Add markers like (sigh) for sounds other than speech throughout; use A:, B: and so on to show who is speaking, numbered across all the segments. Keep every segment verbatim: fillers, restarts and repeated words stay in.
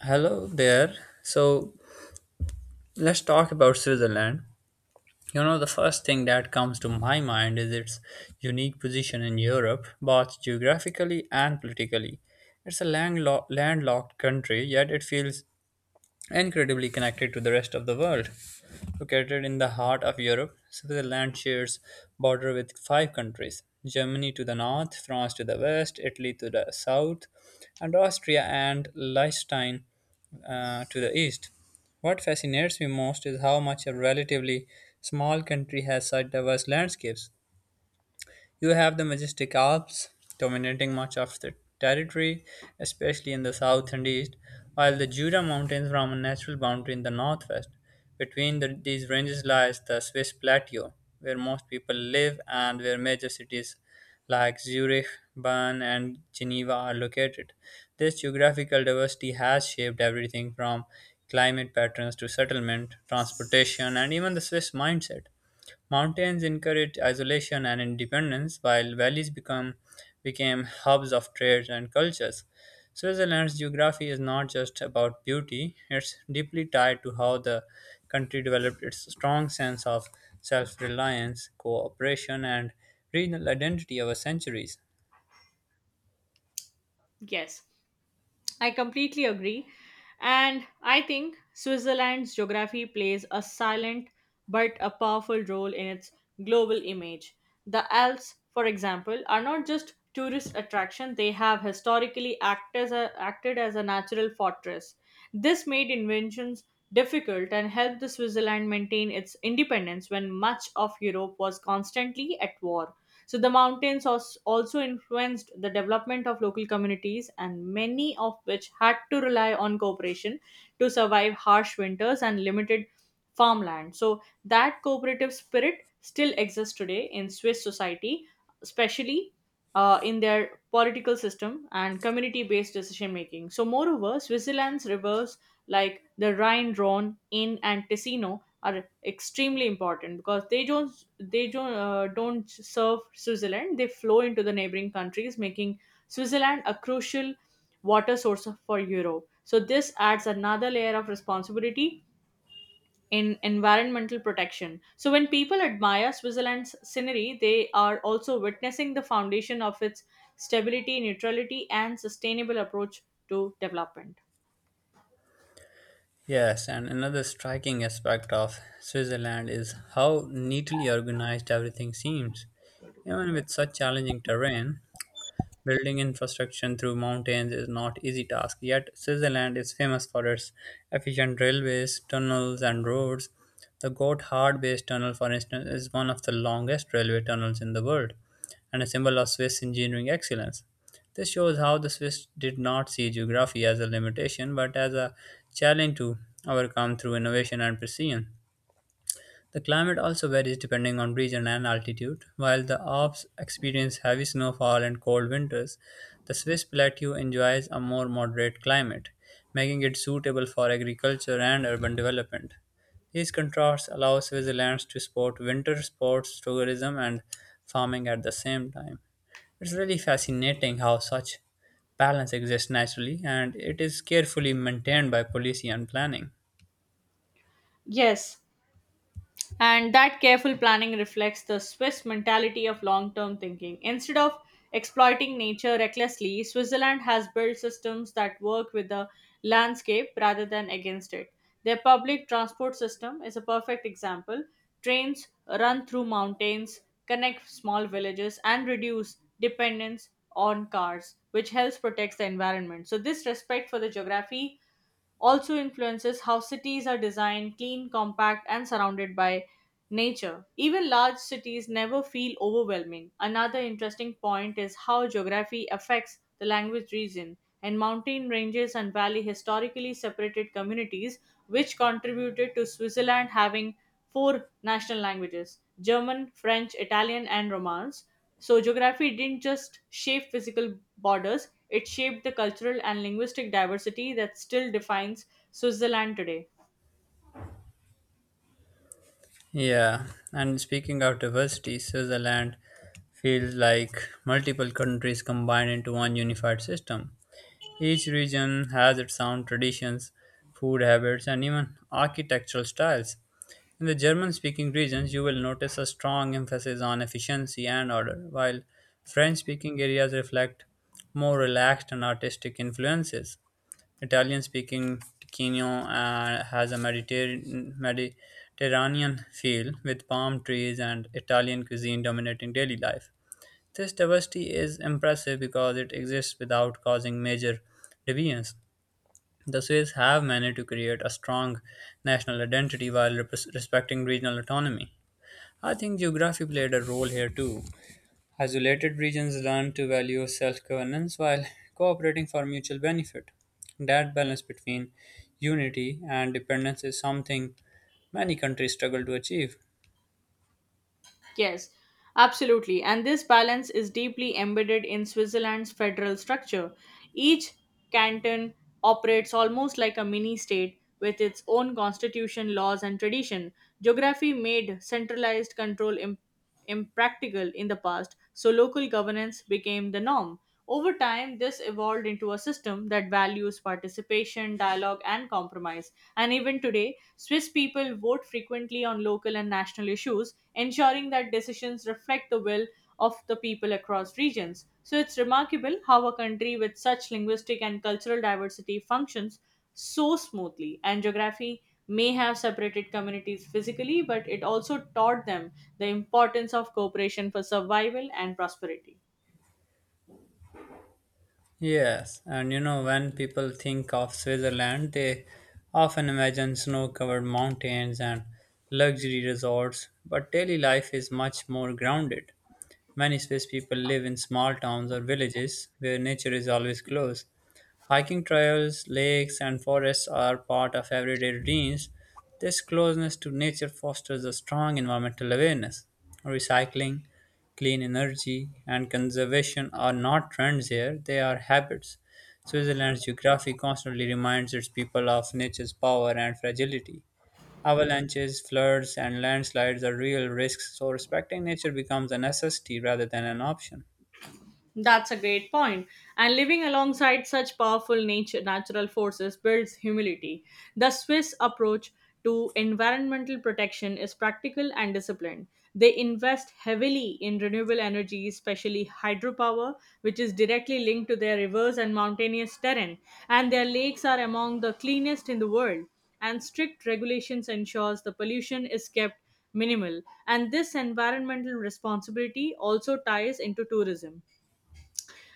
A: Hello there. So let's talk about Switzerland. You know, the first thing that comes to my mind is its unique position in Europe, both geographically and politically. It's a landlo- landlocked country, yet it feels incredibly connected to the rest of the world. Located in the heart of Europe, Switzerland shares border with five countries: Germany to the north, France to the west, Italy to the south, and Austria and Liechtenstein uh, to the east. What fascinates me most is how much a relatively small country has such diverse landscapes. You have the majestic Alps dominating much of the territory, especially in the south and east, while the Jura Mountains form a natural boundary in the northwest. Between the, these ranges lies the Swiss plateau, where most people live and where major cities like Zurich, Bern, and Geneva are located. This geographical diversity has shaped everything from climate patterns to settlement, transportation, and even the Swiss mindset. Mountains encouraged isolation and independence, while valleys become, became hubs of trade and cultures. Switzerland's geography is not just about beauty, it's deeply tied to how the country developed its strong sense of self reliance, cooperation, and regional identity over centuries.
B: Yes, I completely agree. And I think Switzerland's geography plays a silent but a powerful role in its global image. The Alps, for example, are not just tourist attraction, they have historically act as a, acted as a natural fortress. This made inventions difficult and helped the Switzerland maintain its independence when much of Europe was constantly at war. So the mountains als- also influenced the development of local communities, and many of which had to rely on cooperation to survive harsh winters and limited farmland. So that cooperative spirit still exists today in Swiss society, especially uh, in their political system and community based decision making. So, moreover, Switzerland's rivers like the Rhine, Rhone, Inn, and Ticino are extremely important because they don't they don't uh, don't serve Switzerland. They flow into the neighboring countries, making Switzerland a crucial water source of- for Europe. So this adds another layer of responsibility in environmental protection. So, when people admire Switzerland's scenery, they are also witnessing the foundation of its stability, neutrality, and sustainable approach to development.
A: Yes, and another striking aspect of Switzerland is how neatly organized everything seems. Even with such challenging terrain, building infrastructure through mountains is not easy task, yet Switzerland is famous for its efficient railways, tunnels and roads. The Gotthard based tunnel for instance is one of the longest railway tunnels in the world and a symbol of Swiss engineering excellence. This shows how the Swiss did not see geography as a limitation but as a challenge to overcome through innovation and precision. The climate also varies depending on region and altitude. While the Alps experience heavy snowfall and cold winters, the Swiss plateau enjoys a more moderate climate, making it suitable for agriculture and urban development. These contrasts allow Switzerland to support winter sports, tourism, and farming at the same time. It's really fascinating how such balance exists naturally, and it is carefully maintained by policy and planning.
B: Yes, and that careful planning reflects the Swiss mentality of long term thinking. Instead of exploiting nature recklessly, Switzerland has built systems that work with the landscape rather than against it. Their public transport system is a perfect example. Trains run through mountains, connect small villages, and reduce dependence on cars, which helps protect the environment. So, this respect for the geography also influences how cities are designed, clean, compact, and surrounded by nature. Even large cities never feel overwhelming. Another interesting point is how geography affects the language region and mountain ranges and valley historically separated communities, which contributed to Switzerland having four national languages German, French, Italian, and Romance. So, geography didn't just shape physical borders, it shaped the cultural and linguistic diversity that still defines Switzerland today.
A: Yeah, and speaking of diversity, Switzerland feels like multiple countries combined into one unified system. Each region has its own traditions, food habits, and even architectural styles. In the German speaking regions, you will notice a strong emphasis on efficiency and order, while French speaking areas reflect more relaxed and artistic influences. Italian-speaking Ticino uh, has a Mediterranean, Mediterranean feel, with palm trees and Italian cuisine dominating daily life. This diversity is impressive because it exists without causing major divisions. The Swiss have managed to create a strong national identity while repres- respecting regional autonomy. I think geography played a role here too. Isolated regions learn to value self governance while (laughs) cooperating for mutual benefit. That balance between unity and dependence is something many countries struggle to achieve.
B: Yes, absolutely. And this balance is deeply embedded in Switzerland's federal structure. Each canton operates almost like a mini state with its own constitution, laws, and tradition. Geography made centralized control impossible impractical in the past, so local governance became the norm. Over time, this evolved into a system that values participation, dialogue, and compromise. And even today, Swiss people vote frequently on local and national issues, ensuring that decisions reflect the will of the people across regions. So it's remarkable how a country with such linguistic and cultural diversity functions so smoothly, and geography may have separated communities physically, but it also taught them the importance of cooperation for survival and prosperity.
A: Yes, and you know, when people think of Switzerland, they often imagine snow covered mountains and luxury resorts, but daily life is much more grounded. Many Swiss people live in small towns or villages where nature is always close. Hiking trails, lakes, and forests are part of everyday routines. This closeness to nature fosters a strong environmental awareness. Recycling, clean energy, and conservation are not trends here, they are habits. Switzerland's geography constantly reminds its people of nature's power and fragility. Avalanches, floods, and landslides are real risks, so respecting nature becomes a necessity rather than an option.
B: That's a great point. And living alongside such powerful nature, natural forces builds humility. The Swiss approach to environmental protection is practical and disciplined. They invest heavily in renewable energy, especially hydropower, which is directly linked to their rivers and mountainous terrain, and their lakes are among the cleanest in the world. And strict regulations ensures the pollution is kept minimal. And this environmental responsibility also ties into tourism.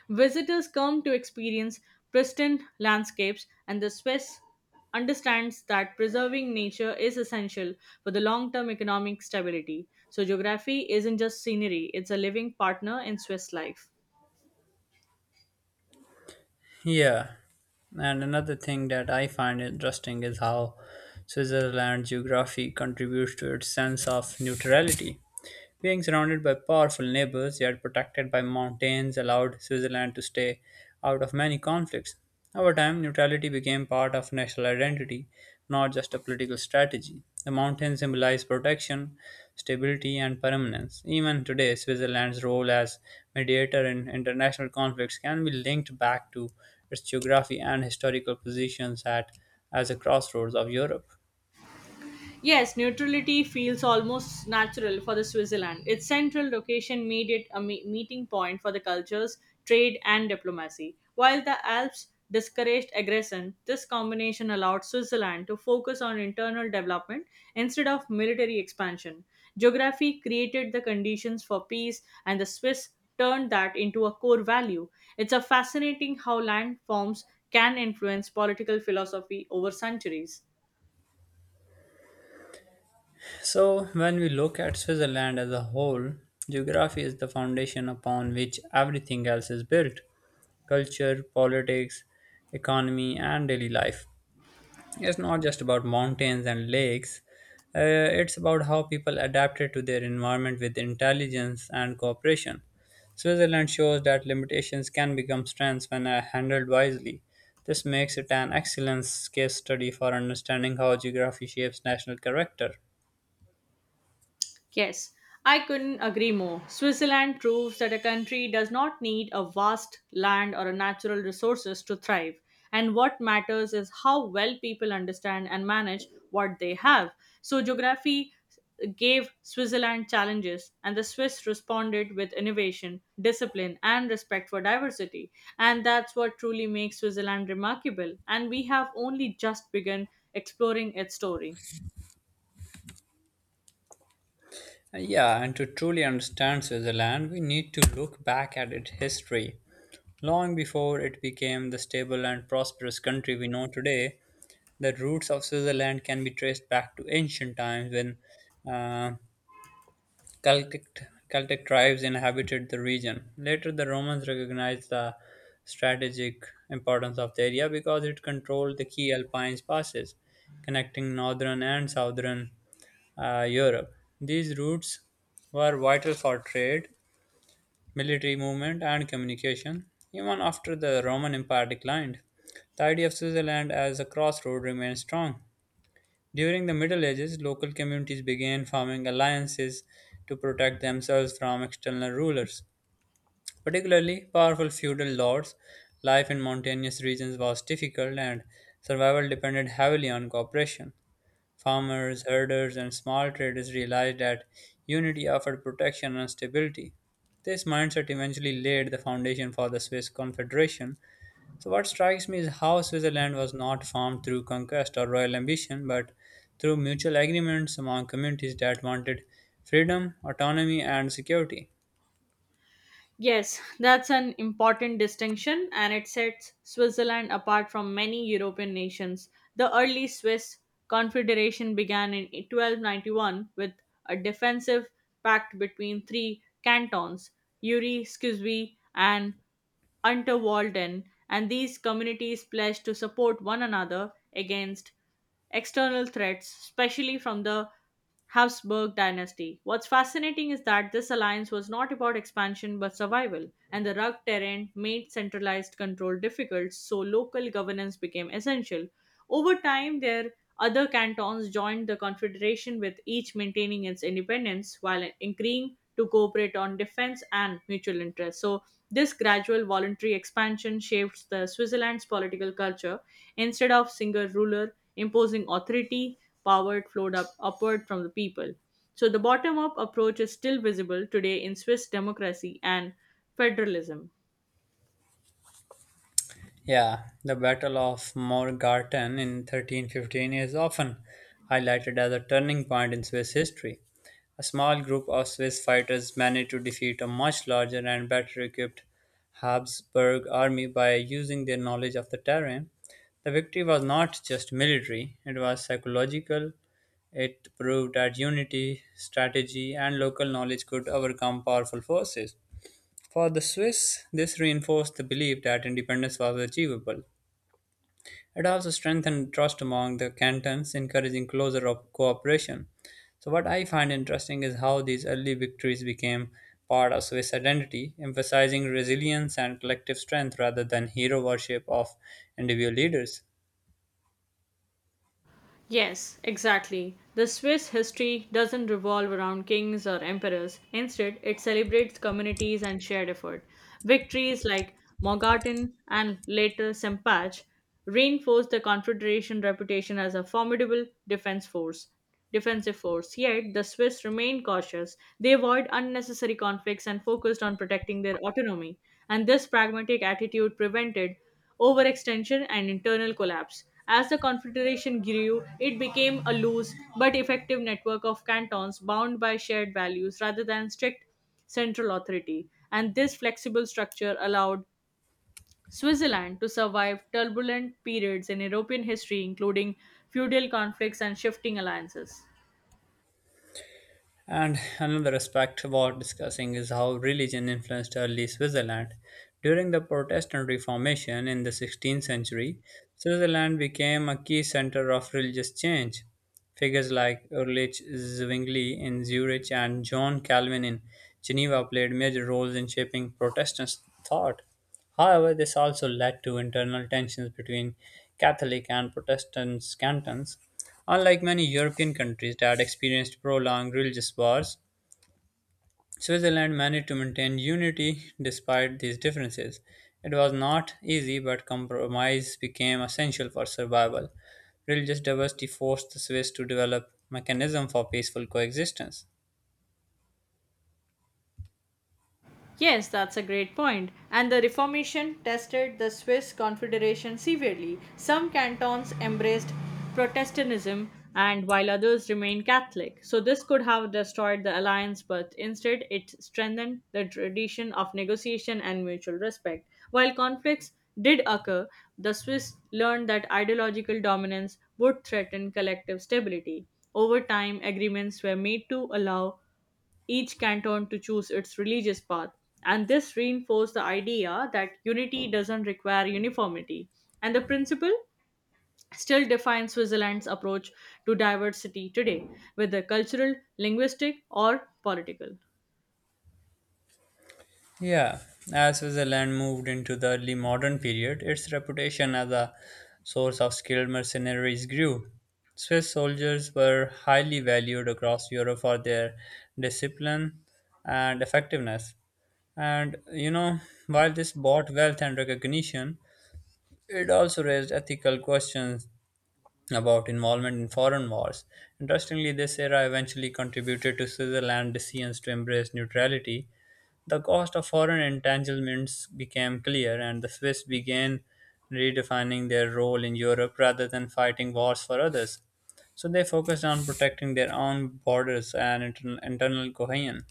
B: Visitors come to experience pristine landscapes, and the Swiss understands that preserving nature is essential for the long term economic stability. So, geography isn't just scenery, it's a living partner in Swiss life.
A: Yeah, and another thing that I find interesting is how Switzerland's geography contributes to its sense of neutrality. Being surrounded by powerful neighbors, yet protected by mountains, allowed Switzerland to stay out of many conflicts. Over time, neutrality became part of national identity, not just a political strategy. The mountains symbolize protection, stability, and permanence. Even today, Switzerland's role as mediator in international conflicts can be linked back to its geography and historical positions at as a crossroads of Europe.
B: Yes, neutrality feels almost natural for the Switzerland. Its central location made it a me- meeting point for the cultures, trade, and diplomacy. While the Alps discouraged aggression, this combination allowed Switzerland to focus on internal development instead of military expansion. Geography created the conditions for peace, and the Swiss turned that into a core value. It's a fascinating how landforms can influence political philosophy over centuries.
A: So, when we look at Switzerland as a whole, geography is the foundation upon which everything else is built: culture, politics, economy, and daily life. It's not just about mountains and lakes, uh, it's about how people adapted to their environment with intelligence and cooperation. Switzerland shows that limitations can become strengths when uh, handled wisely. This makes it an excellent case study for understanding how geography shapes national character.
B: Yes, I couldn't agree more. Switzerland proves that a country does not need a vast land or a natural resources to thrive. And what matters is how well people understand and manage what they have. So geography gave Switzerland challenges and the Swiss responded with innovation, discipline and respect for diversity. And that's what truly makes Switzerland remarkable. And we have only just begun exploring its story.
A: Yeah, and to truly understand Switzerland, we need to look back at its history. Long before it became the stable and prosperous country we know today, the roots of Switzerland can be traced back to ancient times when uh, Celtic, Celtic tribes inhabited the region. Later, the Romans recognized the strategic importance of the area because it controlled the key Alpine passes connecting northern and southern uh, Europe. These routes were vital for trade, military movement, and communication. Even after the Roman Empire declined, the idea of Switzerland as a crossroad remained strong. During the Middle Ages, local communities began forming alliances to protect themselves from external rulers, particularly powerful feudal lords. Life in mountainous regions was difficult, and survival depended heavily on cooperation. Farmers, herders, and small traders realized that unity offered protection and stability. This mindset eventually laid the foundation for the Swiss Confederation. So, what strikes me is how Switzerland was not formed through conquest or royal ambition, but through mutual agreements among communities that wanted freedom, autonomy, and security.
B: Yes, that's an important distinction and it sets Switzerland apart from many European nations. The early Swiss Confederation began in twelve ninety-one with a defensive pact between three cantons, Uri, Scusvi, and Unterwalden, and these communities pledged to support one another against external threats, especially from the Habsburg dynasty. What's fascinating is that this alliance was not about expansion but survival, and the rugged terrain made centralized control difficult, so local governance became essential. Over time, their other cantons joined the Confederation, with each maintaining its independence while agreeing to cooperate on defense and mutual interests. So, this gradual voluntary expansion shaped the Switzerland's political culture. Instead of single ruler imposing authority, power flowed up upward from the people. So the bottom up approach is still visible today in Swiss democracy and federalism.
A: Yeah, the Battle of Morgarten in thirteen fifteen is often highlighted as a turning point in Swiss history. A small group of Swiss fighters managed to defeat a much larger and better equipped Habsburg army by using their knowledge of the terrain. The victory was not just military, it was psychological. It proved that unity, strategy, and local knowledge could overcome powerful forces. For the Swiss, this reinforced the belief that independence was achievable. It also strengthened trust among the cantons, encouraging closer op- cooperation. So, what I find interesting is how these early victories became part of Swiss identity, emphasizing resilience and collective strength rather than hero worship of individual leaders.
B: Yes, exactly. The Swiss history doesn't revolve around kings or emperors. Instead, it celebrates communities and shared effort. Victories like Morgarten and later Sempach reinforced the Confederation reputation as a formidable defense force defensive force. Yet, the Swiss remained cautious. They avoided unnecessary conflicts and focused on protecting their autonomy, and this pragmatic attitude prevented overextension and internal collapse. As the Confederation grew, it became a loose but effective network of cantons bound by shared values rather than strict central authority, and this flexible structure allowed Switzerland to survive turbulent periods in European history, including feudal conflicts and shifting alliances.
A: And another aspect worth discussing is how religion influenced early Switzerland. During the Protestant Reformation in the sixteenth century, Switzerland became a key center of religious change. Figures like Ulrich Zwingli in Zurich and John Calvin in Geneva played major roles in shaping Protestant thought. However, this also led to internal tensions between Catholic and Protestant cantons. Unlike many European countries that experienced prolonged religious wars, Switzerland managed to maintain unity despite these differences. It was not easy, but compromise became essential for survival. Religious diversity forced the Swiss to develop mechanisms for peaceful coexistence.
B: Yes, that's a great point. And the Reformation tested the Swiss Confederation severely. Some cantons embraced Protestantism and while others remained Catholic. So this could have destroyed the alliance, but instead it strengthened the tradition of negotiation and mutual respect. While conflicts did occur, the Swiss learned that ideological dominance would threaten collective stability. Over time, agreements were made to allow each canton to choose its religious path. And this reinforced the idea that unity doesn't require uniformity. And the principle still defines Switzerland's approach to diversity today, whether cultural, linguistic, or political.
A: Yeah, as Switzerland moved into the early modern period, its reputation as a source of skilled mercenaries grew. Swiss soldiers were highly valued across Europe for their discipline and effectiveness. And you know, while this brought wealth and recognition, it also raised ethical questions about involvement in foreign wars. Interestingly, this era eventually contributed to Switzerland's decisions to embrace neutrality. The cost of foreign entanglements became clear, and the Swiss began redefining their role in Europe rather than fighting wars for others. So they focused on protecting their own borders and intern- internal cohesion.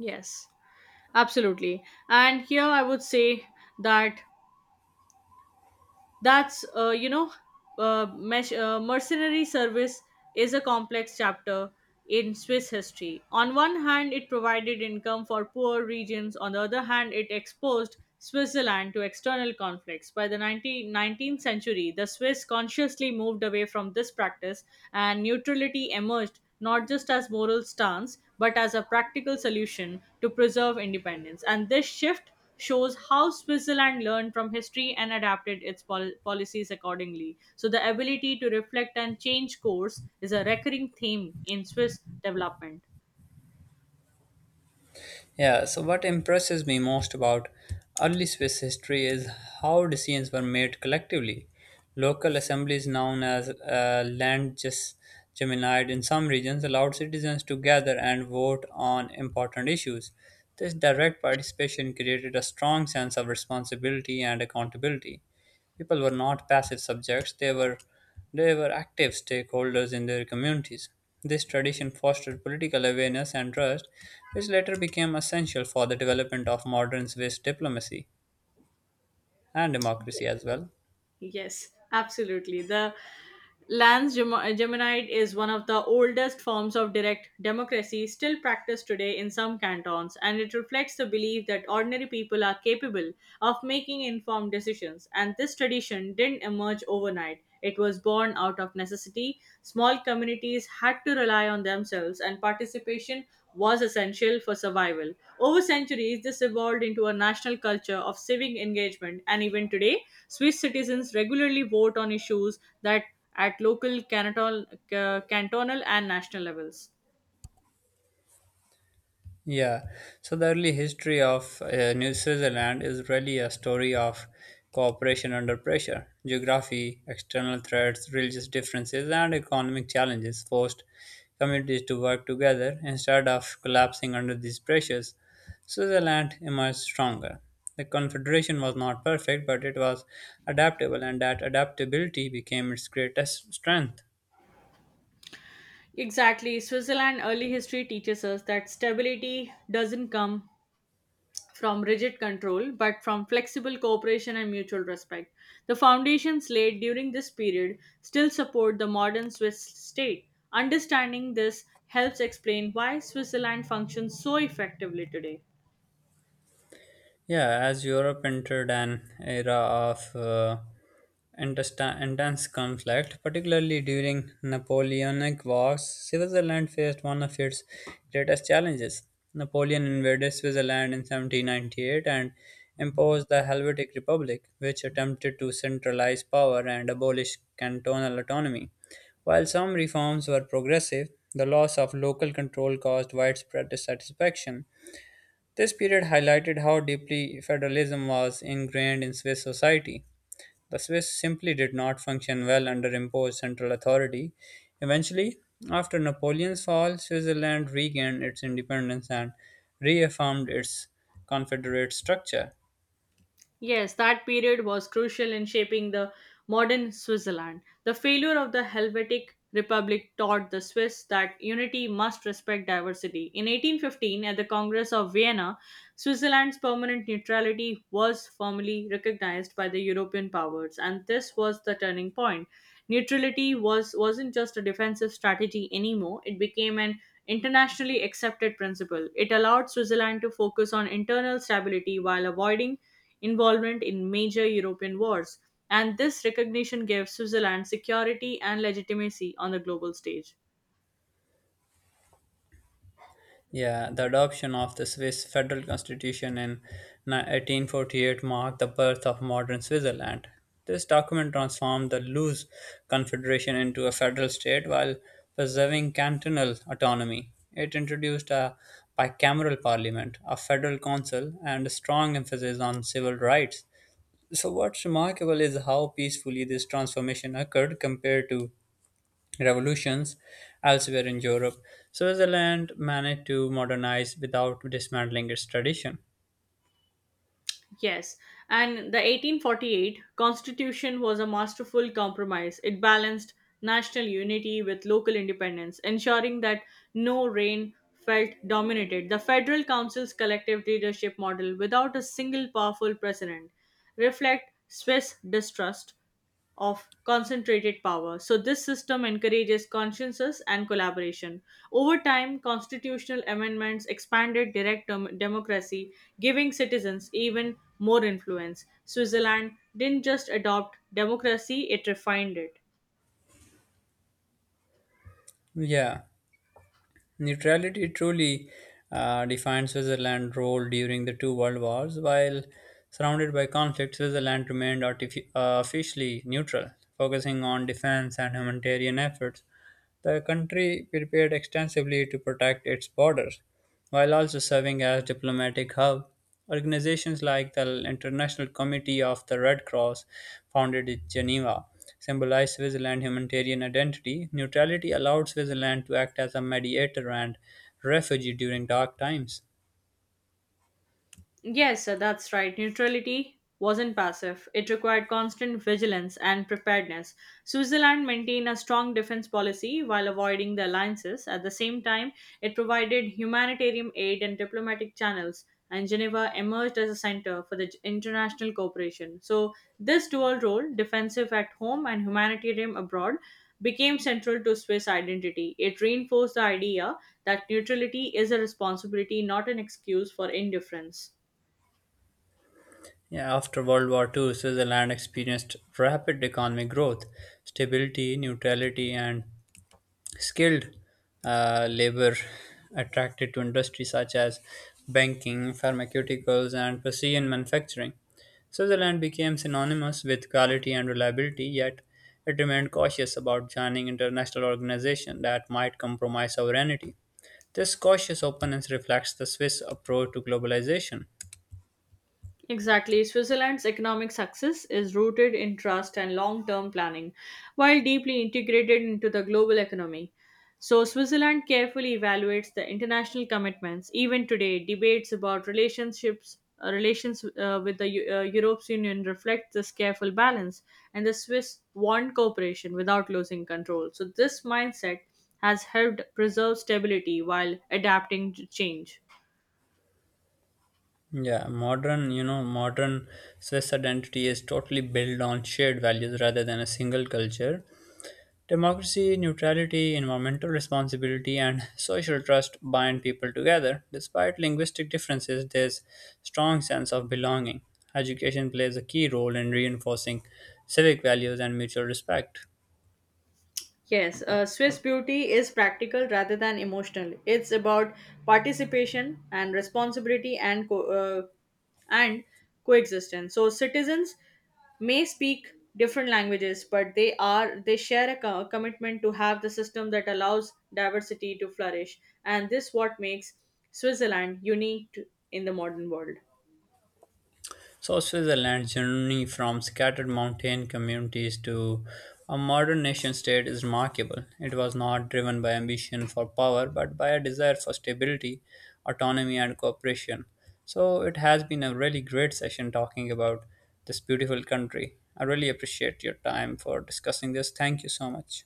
B: Yes, absolutely. And here I would say that that's uh, you know uh, mesh, uh, mercenary service is a complex chapter in swiss history on one hand it provided income for poor regions on the other hand it exposed switzerland to external conflicts by the nineteen nineteenth century the swiss consciously moved away from this practice and neutrality emerged not just as moral stance but as a practical solution to preserve independence and this shift shows how Switzerland learned from history and adapted its pol- policies accordingly. So, the ability to reflect and change course is a recurring theme in Swiss development.
A: Yeah, so what impresses me most about early Swiss history is how decisions were made collectively. Local assemblies, known as uh, Landgesgemeinheit in some regions, allowed citizens to gather and vote on important issues. This direct participation created a strong sense of responsibility and accountability. People were not passive subjects, they were they were active stakeholders in their communities. This tradition fostered political awareness and trust, which later became essential for the development of modern Swiss diplomacy and democracy as well.
B: Yes, absolutely. The Lance Gem- Geminide is one of the oldest forms of direct democracy still practiced today in some cantons, and it reflects the belief that ordinary people are capable of making informed decisions. And this tradition didn't emerge overnight, it was born out of necessity. Small communities had to rely on themselves, and participation was essential for survival. Over centuries, this evolved into a national culture of civic engagement, and even today, Swiss citizens regularly vote on issues that at local, cantonal, ca- cantonal, and national levels.
A: Yeah, so the early history of uh, New Switzerland is really a story of cooperation under pressure. Geography, external threats, religious differences, and economic challenges forced communities to work together instead of collapsing under these pressures. Switzerland emerged stronger. The Confederation was not perfect, but it was adaptable, and that adaptability became its greatest strength.
B: Exactly. Switzerland early history teaches us that stability doesn't come from rigid control, but from flexible cooperation and mutual respect. The foundations laid during this period still support the modern Swiss state. Understanding this helps explain why Switzerland functions so effectively today.
A: Yeah, as Europe entered an era of uh, intesta- intense conflict, particularly during Napoleonic Wars, Switzerland faced one of its greatest challenges. Napoleon invaded Switzerland in seventeen ninety-eight and imposed the Helvetic Republic, which attempted to centralize power and abolish cantonal autonomy. While some reforms were progressive, the loss of local control caused widespread dissatisfaction. This period highlighted how deeply federalism was ingrained in Swiss society. The Swiss simply did not function well under imposed central authority. Eventually, after Napoleon's fall, Switzerland regained its independence and reaffirmed its confederate structure.
B: Yes, that period was crucial in shaping the modern Switzerland. The failure of the Helvetic Republic taught the Swiss that unity must respect diversity. In eighteen fifteen, at the Congress of Vienna, Switzerland's permanent neutrality was formally recognized by the European powers, and this was the turning point. Neutrality was, wasn't just a defensive strategy anymore, it became an internationally accepted principle. It allowed Switzerland to focus on internal stability while avoiding involvement in major European wars, and this recognition gave Switzerland security and legitimacy on the global stage.
A: Yeah, the adoption of the Swiss federal constitution in ni- eighteen forty-eight marked the birth of modern Switzerland. This document transformed the loose confederation into a federal state while preserving cantonal autonomy. It introduced a bicameral parliament, a federal council, and a strong emphasis on civil rights. So, what's remarkable is how peacefully this transformation occurred compared to revolutions elsewhere in Europe. Switzerland managed to modernize without dismantling its tradition.
B: Yes, and the eighteen forty-eight constitution was a masterful compromise. It balanced national unity with local independence, ensuring that no reign felt dominated the Federal Council's collective leadership model without a single powerful president. Reflect Swiss distrust of concentrated power. So, this system encourages consciences and collaboration. Over time, constitutional amendments expanded direct dem- democracy, giving citizens even more influence. Switzerland didn't just adopt democracy, it refined it.
A: Yeah, neutrality truly uh, defined Switzerland's role during the two world wars. While surrounded by conflict, Switzerland remained artifi- uh, officially neutral, focusing on defense and humanitarian efforts. The country prepared extensively to protect its borders, while also serving as diplomatic hub. Organizations like the International Committee of the Red Cross, founded in Geneva, symbolize Switzerland's humanitarian identity. Neutrality allowed Switzerland to act as a mediator and refugee during dark times.
B: Yes, sir, that's right. Neutrality wasn't passive. It required constant vigilance and preparedness. Switzerland maintained a strong defense policy while avoiding the alliances. At the same time, it provided humanitarian aid and diplomatic channels, and Geneva emerged as a center for the j- international cooperation. So, this dual role, defensive at home and humanitarian abroad, became central to Swiss identity. It reinforced the idea that neutrality is a responsibility, not an excuse for indifference.
A: Yeah, after World War Two, Switzerland experienced rapid economic growth. Stability, neutrality, and skilled uh, labor attracted to industries such as banking, pharmaceuticals, and precision manufacturing. Switzerland became synonymous with quality and reliability, yet it remained cautious about joining international organizations that might compromise sovereignty. This cautious openness reflects the Swiss approach to globalization.
B: Exactly. Switzerland's economic success is rooted in trust and long term planning, while deeply integrated into the global economy. So, Switzerland carefully evaluates the international commitments. Even today, debates about relationships, uh, relations uh, with the Eu- uh, Europe's Union reflect this careful balance, and the Swiss want cooperation without losing control. So, this mindset has helped preserve stability while adapting to change.
A: Yeah, modern, you know, modern Swiss identity is totally built on shared values rather than a single culture. Democracy, neutrality, environmental responsibility, and social trust bind people together. Despite linguistic differences, there's strong sense of belonging. Education plays a key role in reinforcing civic values and mutual respect.
B: Yes, uh, Swiss beauty is practical rather than emotional. It's about participation and responsibility and co- uh, and coexistence. So citizens may speak different languages, but they are they share a co- commitment to have the system that allows diversity to flourish, and this what makes Switzerland unique to- in the modern world.
A: So Switzerland's journey from scattered mountain communities to a modern nation state is remarkable. It was not driven by ambition for power, but by a desire for stability, autonomy, and cooperation. So it has been a really great session talking about this beautiful country. I really appreciate your time for discussing this. Thank you so much.